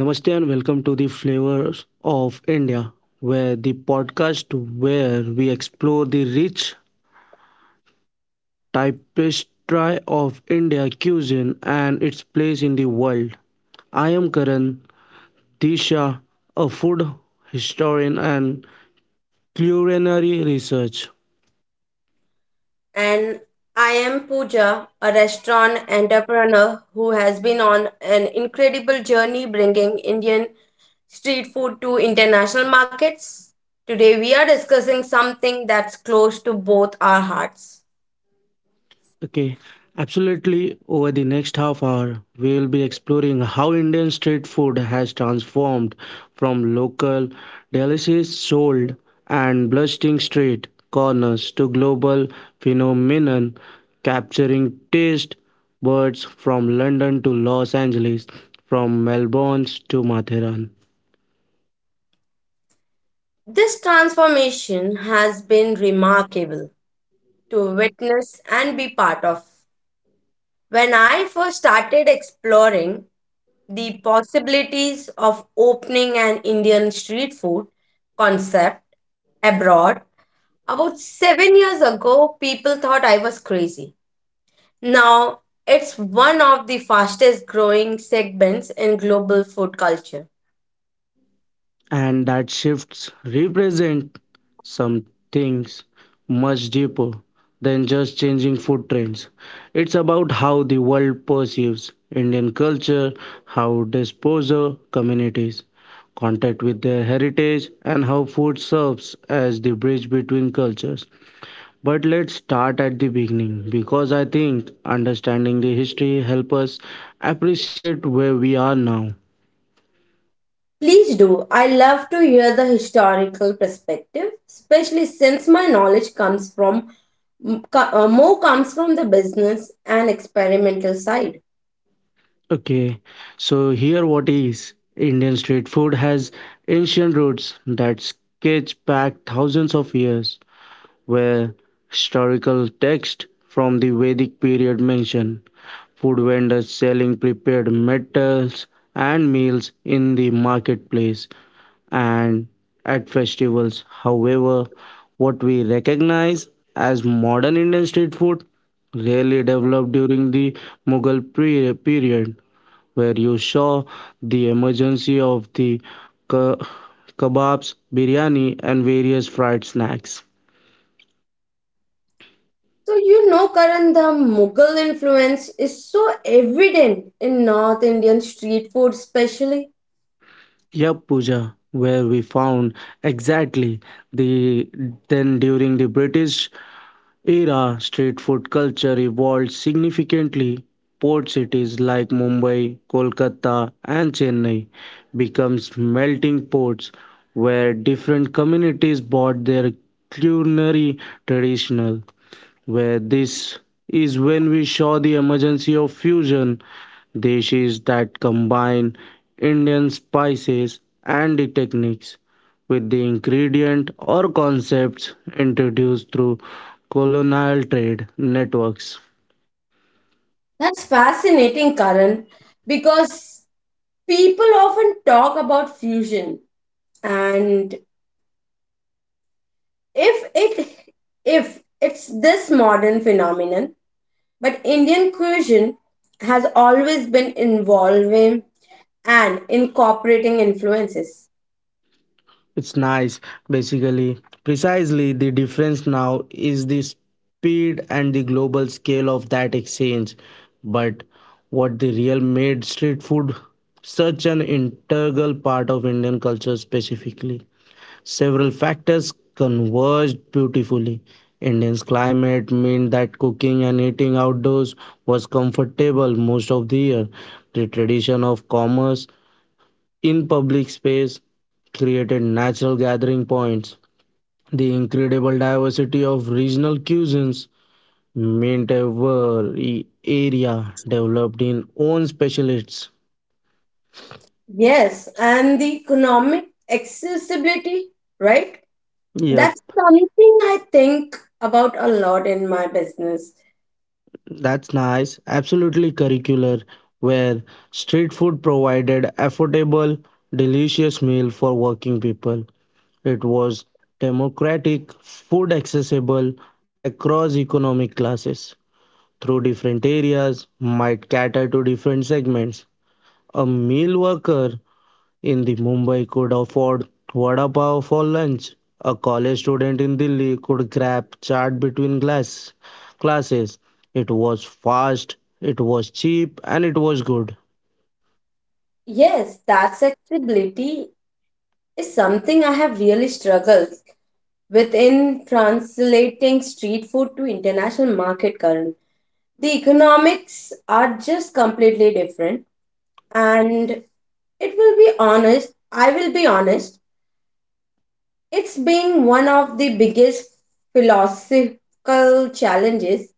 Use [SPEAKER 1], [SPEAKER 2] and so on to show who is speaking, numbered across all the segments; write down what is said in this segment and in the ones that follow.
[SPEAKER 1] namaste and welcome to the Flavors of India, where the podcast where we explore the rich tapestry of India cuisine and its place in the world. I am Karan Disha, a food historian and culinary research.
[SPEAKER 2] And I am Pooja, a restaurant entrepreneur who has been on an incredible journey bringing Indian street food to international markets. Today, we are discussing something that's close to both our hearts.
[SPEAKER 1] Okay, absolutely. Over the next half hour, we will be exploring how Indian street food has transformed from local delicacies sold and bustling street corners to global phenomenon capturing taste buds from London to Los Angeles, from Melbourne to Matheran.
[SPEAKER 2] This transformation has been remarkable to witness and be part of. When I first started exploring the possibilities of opening an Indian street food concept abroad, about 7 years ago, people thought I was crazy. Now, it's one of the fastest growing segments in global food culture.
[SPEAKER 1] And that shifts represent some things much deeper than just changing food trends. It's about how the world perceives Indian culture, how disposer communities contact with their heritage, and how food serves as the bridge between cultures. But let's start at the beginning because I think understanding the history help us appreciate where we are now.
[SPEAKER 2] Please do. I love to hear the historical perspective, especially since my knowledge comes from more comes from the business and experimental side.
[SPEAKER 1] Okay, so here what is Indian street food has ancient roots that sketch back thousands of years, where historical text from the Vedic period mention food vendors selling prepared metals and meals in the marketplace and at festivals. However, what we recognize as modern Indian street food really developed during the period where you saw the emergency of the ke- kebabs, biryani, and various fried snacks.
[SPEAKER 2] So, you know, Karan, the Mughal influence is so evident in North Indian street food, especially.
[SPEAKER 1] Yup, Pooja, where we found exactly the then during the British era, street food culture evolved significantly. Port cities like Mumbai, Kolkata, and Chennai becomes melting pots where different communities brought their culinary traditional where this is when we saw the emergency of fusion dishes that combine Indian spices and the techniques with the ingredient or concepts introduced through colonial trade networks.
[SPEAKER 2] That's fascinating, Karan, because people often talk about fusion, and if it if it's this modern phenomenon, but Indian cuisine has always been involving and incorporating influences.
[SPEAKER 1] It's nice, basically. Precisely, the difference now is the speed and the global scale of that exchange. But what the real made street food such an integral part of Indian culture specifically. Several factors converged beautifully. Indian's climate meant that cooking and eating outdoors was comfortable most of the year. The tradition of commerce in public space created natural gathering points. The incredible diversity of regional cuisines meant every area developed in own specialists.
[SPEAKER 2] Yes, and the economic accessibility, right?
[SPEAKER 1] Yep,
[SPEAKER 2] That's something I think about a lot in my business.
[SPEAKER 1] that's nice. Absolutely curricular, where street food provided affordable, delicious meal for working people. It was democratic, food accessible across economic classes. Through different areas might cater to different segments. A meal worker in the Mumbai could afford vada pav for lunch. A college student in Delhi could grab chaat between classes. It was fast, it was cheap, and it was good.
[SPEAKER 2] Yes, that accessibility is something I have really struggled with in translating street food to international market current. The economics are just completely different and it will be honest I will be honest. It's been one of the biggest philosophical challenges.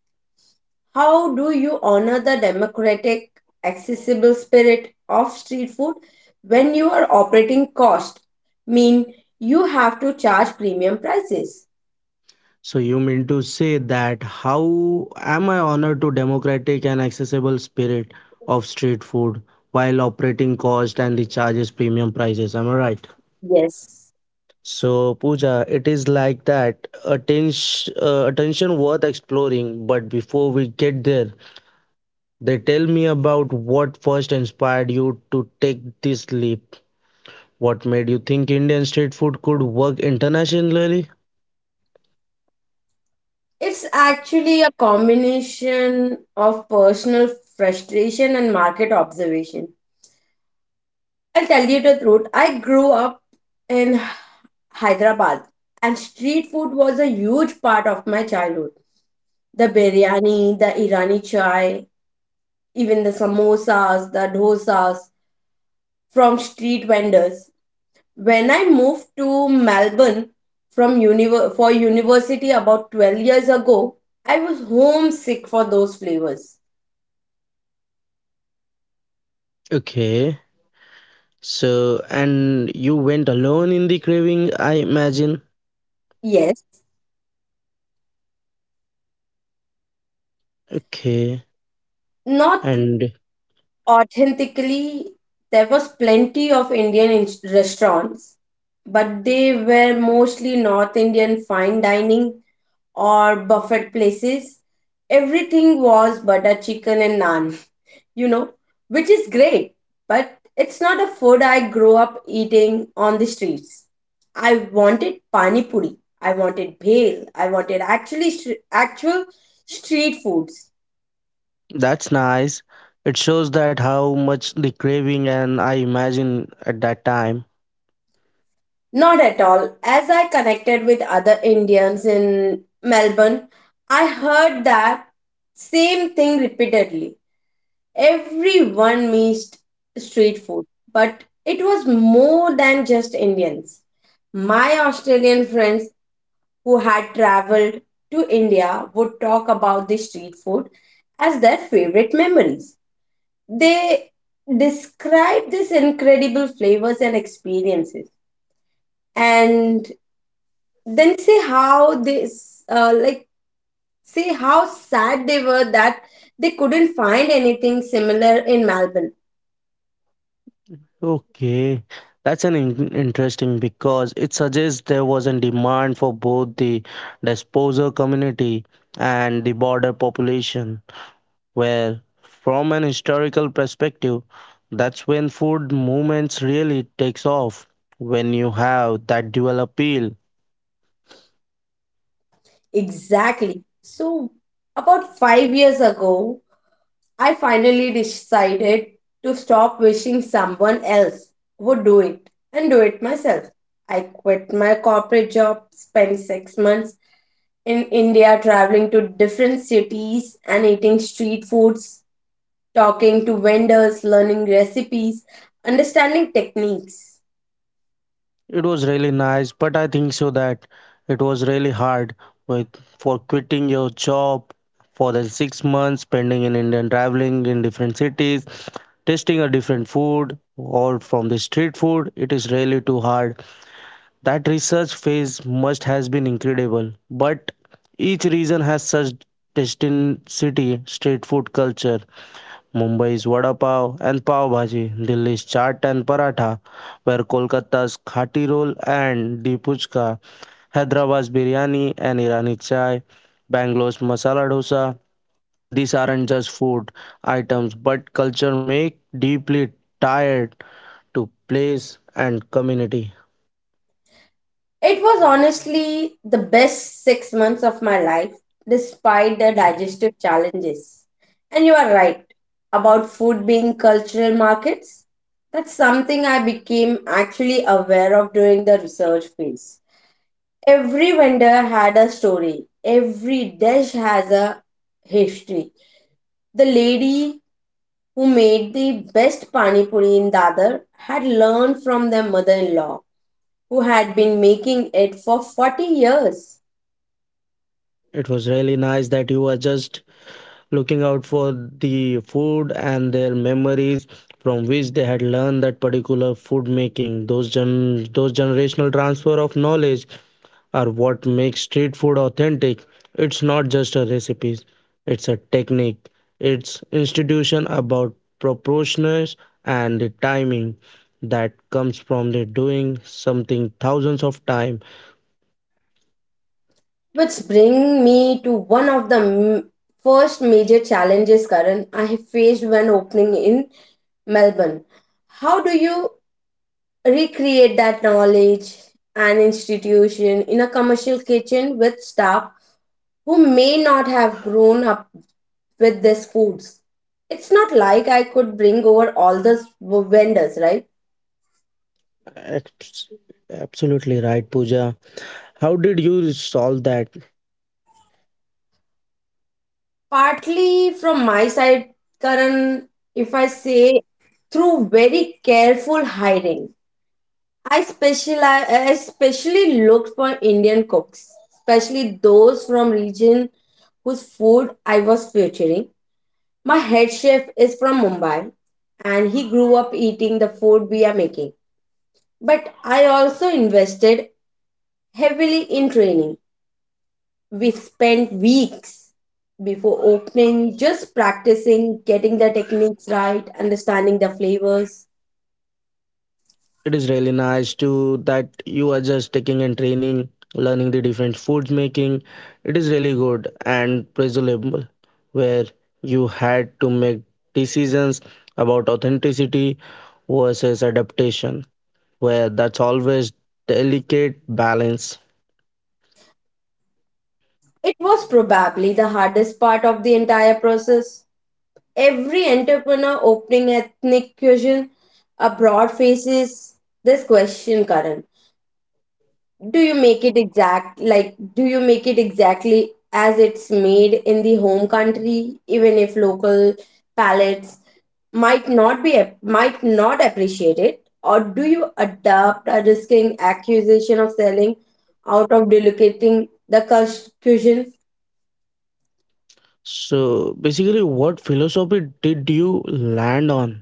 [SPEAKER 2] How do you honor the democratic, accessible spirit of street food when you are operating cost mean you have to charge premium prices?
[SPEAKER 1] So you mean to say that how am I honored to democratic and accessible spirit of street food while operating cost and the charges premium prices? Am I right?
[SPEAKER 2] Yes.
[SPEAKER 1] So, Pooja, it is like that. Attention, attention worth exploring. But before we get there, they tell me about what first inspired you to take this leap. What made you think Indian street food could work internationally?
[SPEAKER 2] It's actually a combination of personal frustration and market observation. I'll tell you the truth. I grew up in Hyderabad, and street food was a huge part of my childhood. The biryani, the Irani chai, even the samosas, the dosas from street vendors. When I moved to Melbourne for university about 12 years ago, I was homesick for those flavors.
[SPEAKER 1] Okay. So, and you went alone in the craving, I imagine.
[SPEAKER 2] Yes,
[SPEAKER 1] Okay.
[SPEAKER 2] not
[SPEAKER 1] And
[SPEAKER 2] authentically, there was plenty of restaurants, but they were mostly North Indian fine dining or buffet places. Everything was butter chicken and naan, you know, which is great, but it's not a food I grew up eating on the streets. I wanted pani puri, I wanted bhel, I wanted actual street foods.
[SPEAKER 1] that's nice. It shows that how much the craving and I imagine at that time.
[SPEAKER 2] Not at all. As I connected with other Indians in Melbourne, I heard that same thing repeatedly. Everyone missed street food, but it was more than just Indians. My Australian friends who had traveled to India would talk about the street food as their favorite memories. They described these incredible flavors and experiences. And then say how sad they were that they couldn't find anything similar in Melbourne.
[SPEAKER 1] Okay, that's an interesting because it suggests there was a demand for both the disposer community and the border population, where, from an historical perspective, that's when food movements really takes off when you have that dual appeal.
[SPEAKER 2] Exactly, so about 5 years ago I finally decided to stop wishing someone else would do it and do it myself. I quit my corporate job, spent 6 months in India traveling to different cities and eating street foods, talking to vendors, learning recipes, understanding techniques.
[SPEAKER 1] It was really nice, but I think so that it was really hard with for quitting your job for the 6 months, spending in India, traveling in different cities, tasting a different food or from the street food. It is really too hard. That research phase must has been incredible, but each region has such destined city, street food culture, Mumbai's vada pav and pav bhaji, Delhi's chaat and paratha, where Kolkata's khati roll and the puchka, Hyderabad's biryani and Irani chai, Bangalore's masala dosa. These aren't just food items, but culture make deeply tied to place and community.
[SPEAKER 2] It was honestly the best 6 months of my life, despite the digestive challenges. And you are right about food being cultural markets. That's something I became actually aware of during the research phase. Every vendor had a story, every dish has a history. The lady who made the best pani puri in Dadar had learned from their mother-in-law, who had been making it for 40 years.
[SPEAKER 1] It was really nice that you were just looking out for the food and their memories from which they had learned that particular food making. Those generational transfer of knowledge are what makes street food authentic. It's not just a recipe; it's a technique. It's institution about proportions and the timing that comes from the doing something thousands of time.
[SPEAKER 2] Which brings me to one of the first major challenges, Karan, I faced when opening in Melbourne. How do you recreate that knowledge and institution in a commercial kitchen with staff who may not have grown up with these foods? It's not like I could bring over all the vendors, right?
[SPEAKER 1] Abs- Absolutely right, Pooja. How did you solve that?
[SPEAKER 2] Partly from my side, Karan, if I say, through very careful hiring. I especially looked for Indian cooks, especially those from region whose food I was featuring. My head chef is from Mumbai and he grew up eating the food we are making. But I also invested heavily in training. We spent weeks before opening just practicing, getting the techniques right, understanding the flavors.
[SPEAKER 1] It is really nice to that you are just taking and training, learning the different foods making. It is really good and pleasurable where you had to make decisions about authenticity versus adaptation, where that's always delicate balance.
[SPEAKER 2] It was probably the hardest part of the entire process. Every entrepreneur opening ethnic cuisine abroad faces this question, Karan. Do you make it exact like do you make it exactly as it's made in the home country, even if local palates might not be might not appreciate it, or do you adapt, a risking accusation of selling out of duplicating the cuisine?
[SPEAKER 1] So basically what philosophy did you land on?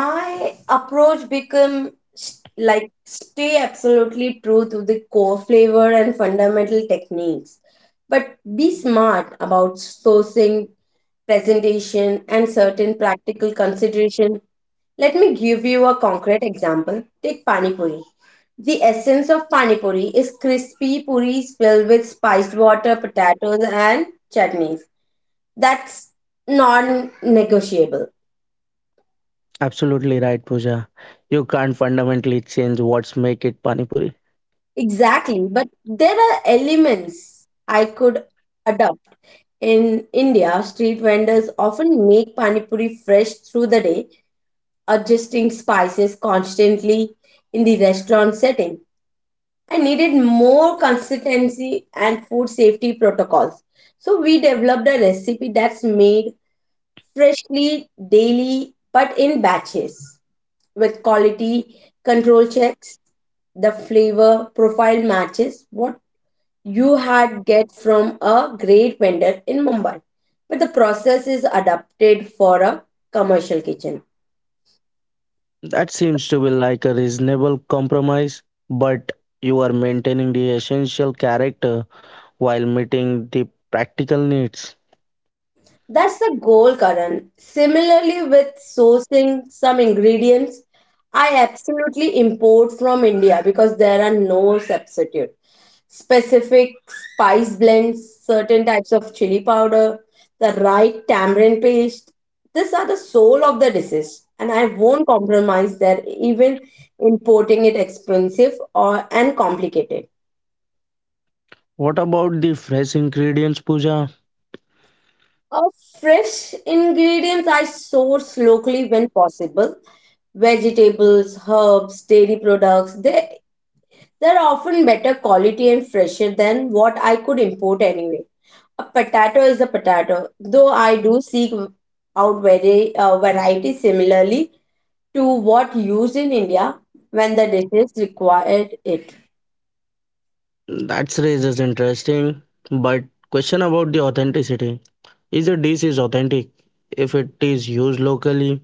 [SPEAKER 2] My approach become s- like stay absolutely true to the core flavor and fundamental techniques, but be smart about sourcing, presentation and certain practical consideration. Let me give you a concrete example. Take pani puri. The essence of pani puri is crispy puris filled with spiced water, potatoes and chutneys. That's non-negotiable.
[SPEAKER 1] Absolutely right, Pooja. You can't fundamentally change what's make it Pani Puri.
[SPEAKER 2] Exactly, but there are elements I could adopt. In India, street vendors often make pani puri fresh through the day, adjusting spices constantly. In the restaurant setting, I needed more consistency and food safety protocols. So we developed a recipe that's made freshly daily but in batches with quality control checks. The flavor profile matches what you had get from a great vendor in Mumbai, but the process is adapted for a commercial kitchen.
[SPEAKER 1] That seems to be like a reasonable compromise, but you are maintaining the essential character while meeting the practical needs.
[SPEAKER 2] That's the goal, Karan. Similarly, with sourcing some ingredients, I absolutely import from India because there are no substitute. Specific spice blends, certain types of chili powder, the right tamarind paste. These are the soul of the dishes, and I won't compromise there, even importing it expensive or and complicated.
[SPEAKER 1] What about the fresh ingredients, Pooja?
[SPEAKER 2] Of fresh ingredients, I source locally when possible. Vegetables, herbs, dairy products, they're often better quality and fresher than what I could import anyway. A potato is a potato, though I do seek out very variety similarly to what used in India when the dishes required it.
[SPEAKER 1] That raises interesting, but question about the authenticity. Is a dish is authentic if it is used locally?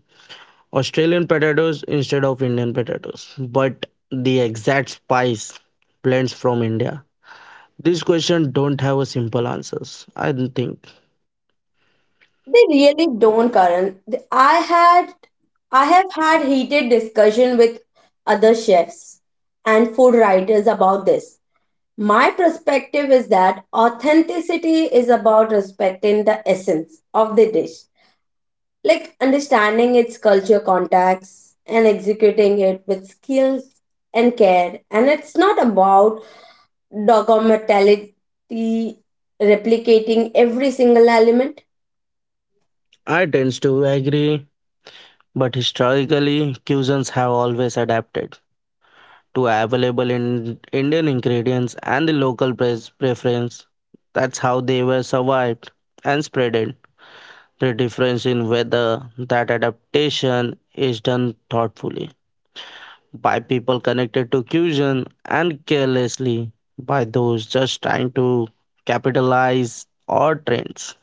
[SPEAKER 1] Australian potatoes instead of Indian potatoes, but the exact spice blends from India. This question don't have a simple answers. I don't think.
[SPEAKER 2] They really don't, Karan. I have had heated discussion with other chefs and food writers about this. My perspective is that authenticity is about respecting the essence of the dish, like understanding its culture context and executing it with skills and care. And it's not about dogmatically replicating every single element.
[SPEAKER 1] I tend to agree, but historically, cuisines have always adapted to available in Indian ingredients and the local preference. That's how they were survived and spreaded. The difference in whether that adaptation is done thoughtfully by people connected to cuisine and carelessly by those just trying to capitalize on trends.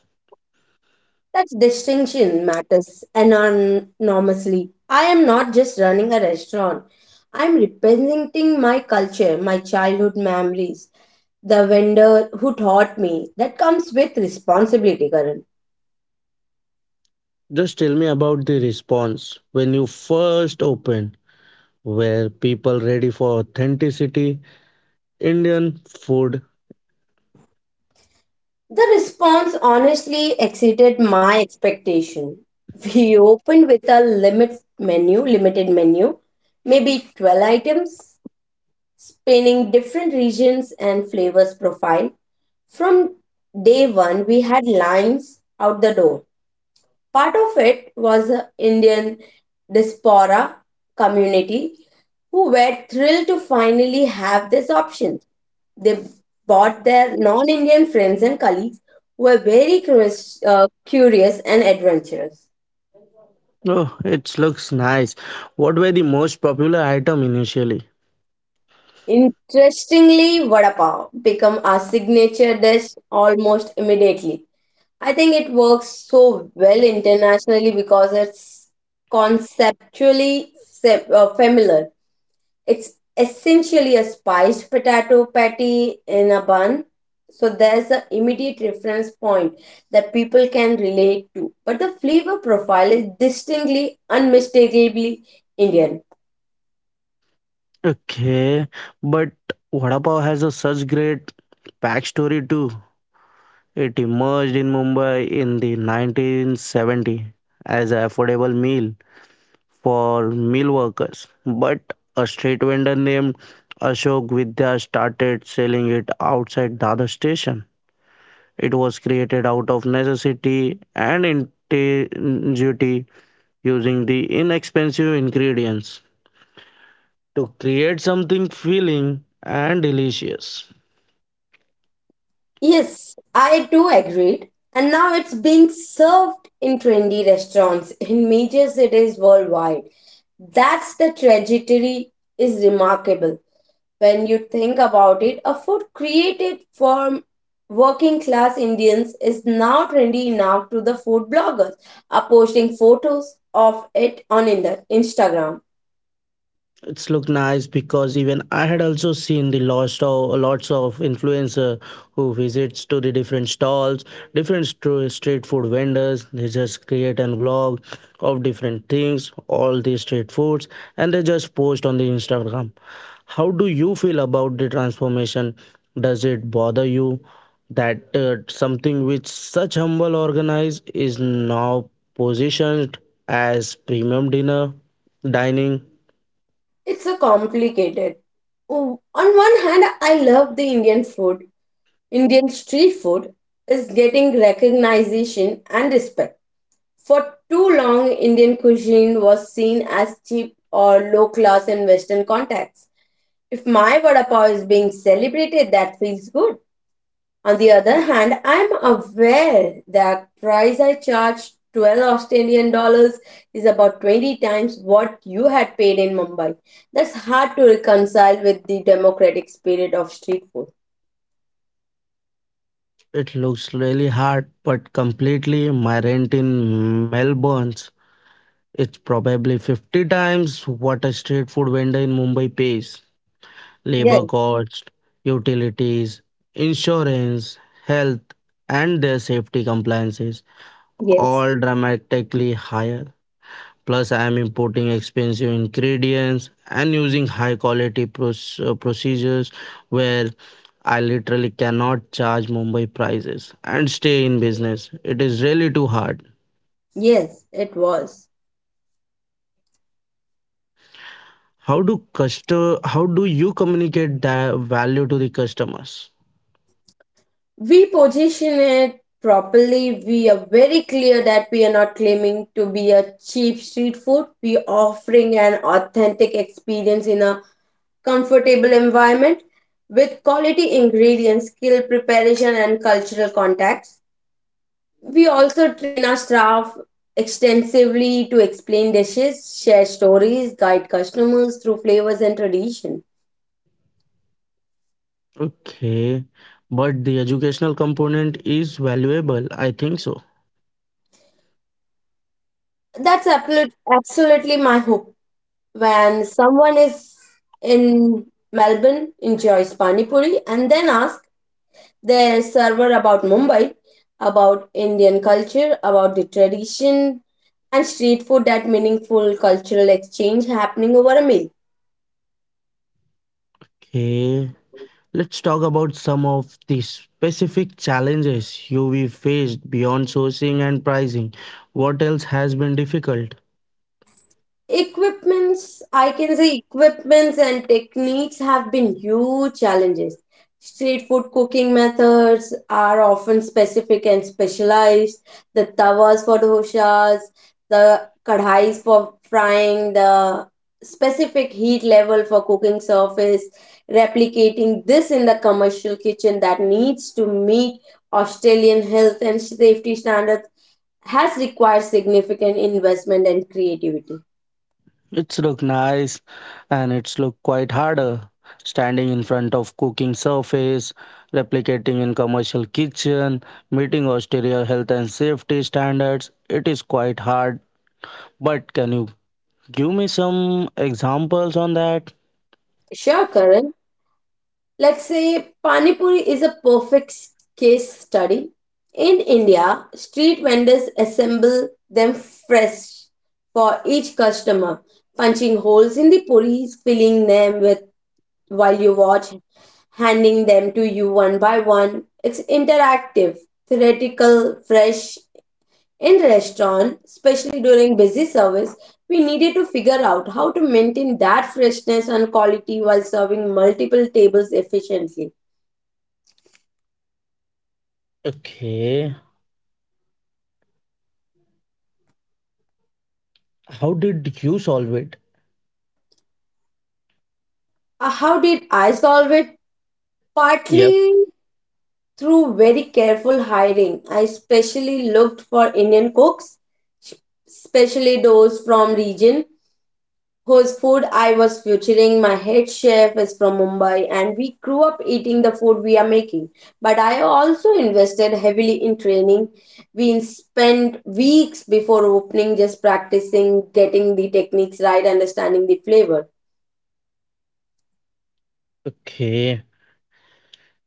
[SPEAKER 2] That distinction matters enormously. I am not just running a restaurant. I am representing my culture, my childhood memories, the vendor who taught me. That comes with responsibility, Karan.
[SPEAKER 1] Just tell me about the response when you first opened. Where people ready for authenticity Indian food.
[SPEAKER 2] The response honestly exceeded my expectation. We opened with a limited menu, maybe 12 items, spanning different regions and flavors profile. From day one, we had lines out the door. Part of it was a Indian diaspora community who were thrilled to finally have this option. They brought their non Indian friends and colleagues who were curious and adventurous.
[SPEAKER 1] Oh, it looks nice. What were the most popular item initially?
[SPEAKER 2] Interestingly, vada pav became our signature dish almost immediately. I think it works so well internationally because it's conceptually familiar. It's essentially a spiced potato patty in a bun, so there's an immediate reference point that people can relate to. But the flavor profile is distinctly, unmistakably Indian.
[SPEAKER 1] Okay, but Vada Pav has a such great backstory too. It emerged in Mumbai in the 1970 as an affordable meal for meal workers. But a street vendor named Ashok Vidya started selling it outside Dada station. It was created out of necessity and ingenuity using the inexpensive ingredients to create something feeling and delicious.
[SPEAKER 2] Yes, I too agreed. And now it's being served in trendy restaurants in major cities worldwide. That's the trajectory is remarkable. When you think about it, a food created for working class Indians is now trendy enough to the food bloggers are posting photos of it on in the Instagram.
[SPEAKER 1] It's look nice because even I had also seen the lots of influencer who visits to the different stalls, street food vendors. They just create a vlog of different things, all the street foods, and they just post on the Instagram. How do you feel about the transformation? Does it bother you that something which such humble organize is now positioned as premium dinner dining?
[SPEAKER 2] It's a complicated. Oh, on one hand, I love the Indian street food is getting recognition and respect. For too long, Indian cuisine was seen as cheap or low class in Western contexts. If my vada pav is being celebrated, that feels good. On the other hand, I'm aware that price I charge 12 Australian dollars is about 20 times what you had paid in Mumbai. That's hard to reconcile with the democratic spirit of street food.
[SPEAKER 1] It looks really hard, but completely my rent in Melbourne's. It's probably 50 times what a street food vendor in Mumbai pays. Labor
[SPEAKER 2] Yes,
[SPEAKER 1] cost, utilities, insurance, health, and their safety compliances.
[SPEAKER 2] yes.
[SPEAKER 1] All dramatically higher. Plus, I am importing expensive ingredients and using high quality procedures where I literally cannot charge Mumbai prices and stay in business. It is really too hard.
[SPEAKER 2] Yes, it was.
[SPEAKER 1] How do customer, how do you communicate that value to the customers?
[SPEAKER 2] We position it properly. We are very clear that we are not claiming to be a cheap street food. We are offering an authentic experience in a comfortable environment with quality ingredients, skill preparation, and cultural contacts. We also train our staff extensively to explain dishes, share stories, guide customers through flavors and tradition.
[SPEAKER 1] Okay, but the educational component is valuable. I think so.
[SPEAKER 2] Absolutely my hope. When someone is in Melbourne enjoys pani puri and then asks their server about Mumbai, about Indian culture, about the tradition and street food, that meaningful cultural exchange happening over a meal.
[SPEAKER 1] Okay. Let's talk about some of the specific challenges you we faced beyond sourcing and pricing. What else has been difficult?
[SPEAKER 2] Equipments, I can say equipments and techniques have been huge challenges. Street food cooking methods are often specific and specialized. The tawas for doshas, the kadhais for frying, the specific heat level for cooking surface. Replicating this in the commercial kitchen that needs to meet Australian health and safety standards has required significant investment and creativity.
[SPEAKER 1] It's look nice and it's look quite harder. Standing in front of cooking surface, replicating in commercial kitchen, meeting Australia health and safety standards, it is quite hard. But can you give me some examples on that?
[SPEAKER 2] Sure, Karan. Let's say pani puri is a perfect case study. In India, street vendors assemble them fresh for each customer, punching holes in the puris, filling them with while you watch, handing them to you one by one. It's interactive, theoretical, fresh. In restaurant, especially during busy service, we needed to figure out how to maintain that freshness and quality while serving multiple tables efficiently.
[SPEAKER 1] Okay, how did you solve it?
[SPEAKER 2] How did I solve it?
[SPEAKER 1] Yep.
[SPEAKER 2] Partly through very careful hiring. I especially looked for Indian cooks, especially those from region whose food I was featuring. My head chef is from Mumbai, and we grew up eating the food we are making. But I also invested heavily in training. We spent weeks before opening just practicing, getting the techniques right, understanding the flavor.
[SPEAKER 1] Okay.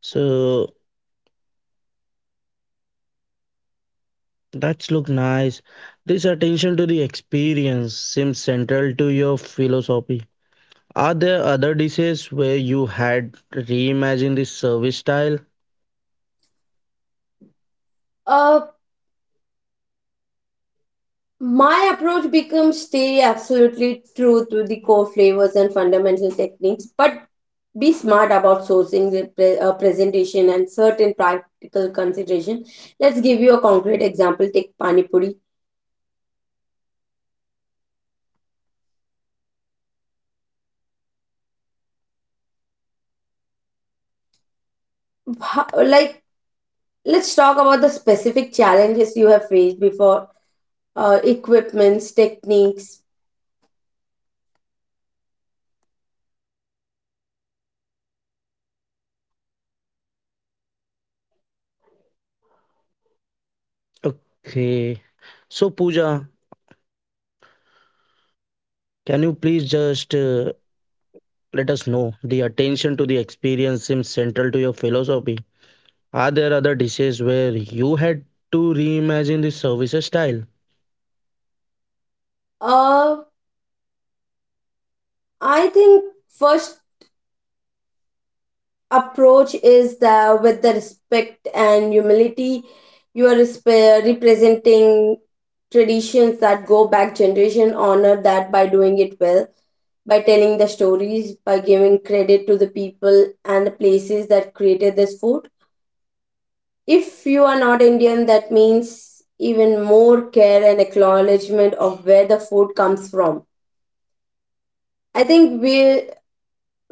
[SPEAKER 1] So that's look nice. This attention to the experience seems central to your philosophy. Are there other dishes where you had reimagined the service style?
[SPEAKER 2] Uh, my approach becomes stay absolutely true to the core flavors and fundamental techniques, but be smart about sourcing the presentation and certain practical consideration. Let's give you a concrete example. Take pani puri. How- like let's talk about the specific challenges you have faced before equipments techniques.
[SPEAKER 1] Okay. So Pooja, can you please just let us know the attention to the experience seems central to your philosophy. Are there other dishes where you had to reimagine the service style?
[SPEAKER 2] uh I think first approach is the with the respect and humility. You are representing traditions that go back generation. Honor that by doing it well, by telling the stories, by giving credit to the people and the places that created this food. If you are not Indian, that means even more care and acknowledgement of where the food comes from. I think we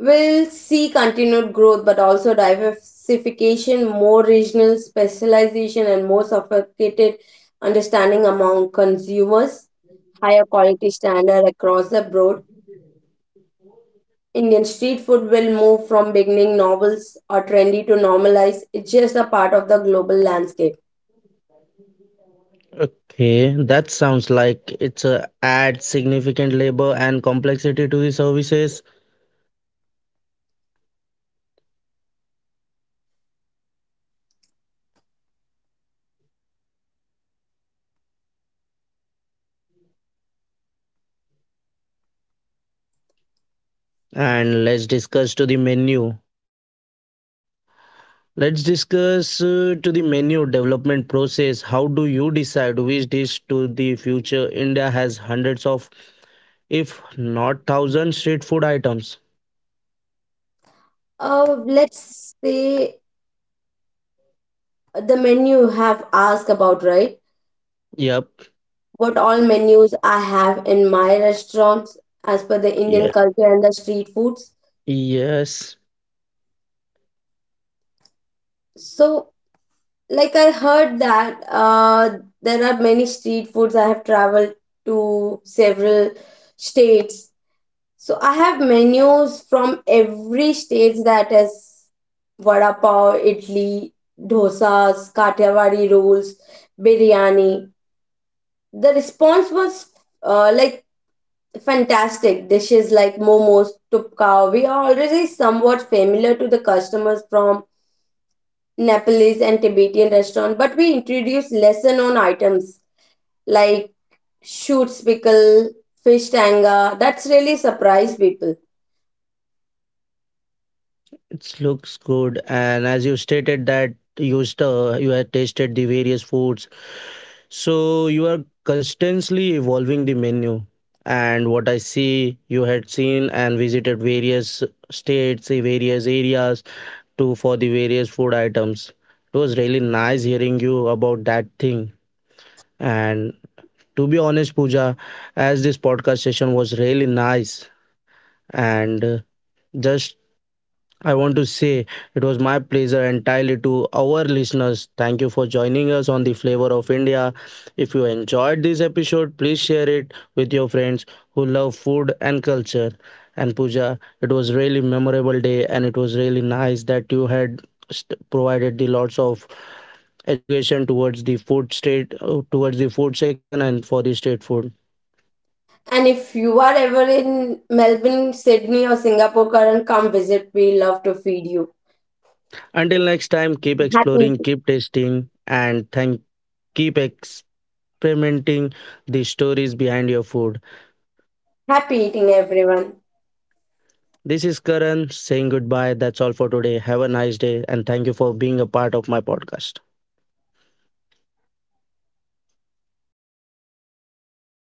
[SPEAKER 2] will see continued growth, but also diversification, more regional specialization, and more sophisticated understanding among consumers, higher quality standard across the board. Indian street food will move from beginning novels or trendy to normalize. It's just a part of the global landscape.
[SPEAKER 1] Okay, that sounds like it's a add significant labor and complexity to the services. And let's discuss to the menu. Let's discuss to the menu development process. How do you decide which dish to the future? India has hundreds of, if not thousands, street food items.
[SPEAKER 2] Let's say the menu you have asked about, right?
[SPEAKER 1] Yep.
[SPEAKER 2] What all menus I have in my restaurants as per the
[SPEAKER 1] Yeah.
[SPEAKER 2] Indian culture and the street foods.
[SPEAKER 1] Yes.
[SPEAKER 2] So, like I heard that there are many street foods. I have traveled to several states. So I have menus from every state, that is vada pav, idli, dosas, kathiawadi rolls, biryani. The response was uh, like fantastic. Dishes like momos, tupka, we are already somewhat familiar to the customers from Nepalese and Tibetan restaurant, but we introduced lesser known items like shoots pickle, fish tanga. That's really surprised people.
[SPEAKER 1] It looks good. And as you stated that you have tasted the various foods. So you are constantly evolving the menu. And what I see, you had seen and visited various states, the various areas to for the various food items. It was really nice hearing you about that thing. And to be honest, Pooja, as this podcast session was really nice and just I want to say it was my pleasure entirely to our listeners. Thank you for joining us on the Flavor of India. If you enjoyed this episode, please share it with your friends who love food and culture. And Puja, it was really memorable day and it was really nice that you had provided the lots of education towards the food state towards the food section and for the state food.
[SPEAKER 2] And if you are ever in Melbourne, Sydney, or Singapore, Karan, come visit. We love to feed you.
[SPEAKER 1] Until next time, keep
[SPEAKER 2] Happy
[SPEAKER 1] exploring,
[SPEAKER 2] eating,
[SPEAKER 1] keep tasting and thank keep ex- experimenting the stories behind your food.
[SPEAKER 2] happy eating, everyone.
[SPEAKER 1] This is Karan saying goodbye. That's all for today. Have a nice day, and thank you for being a part of my podcast.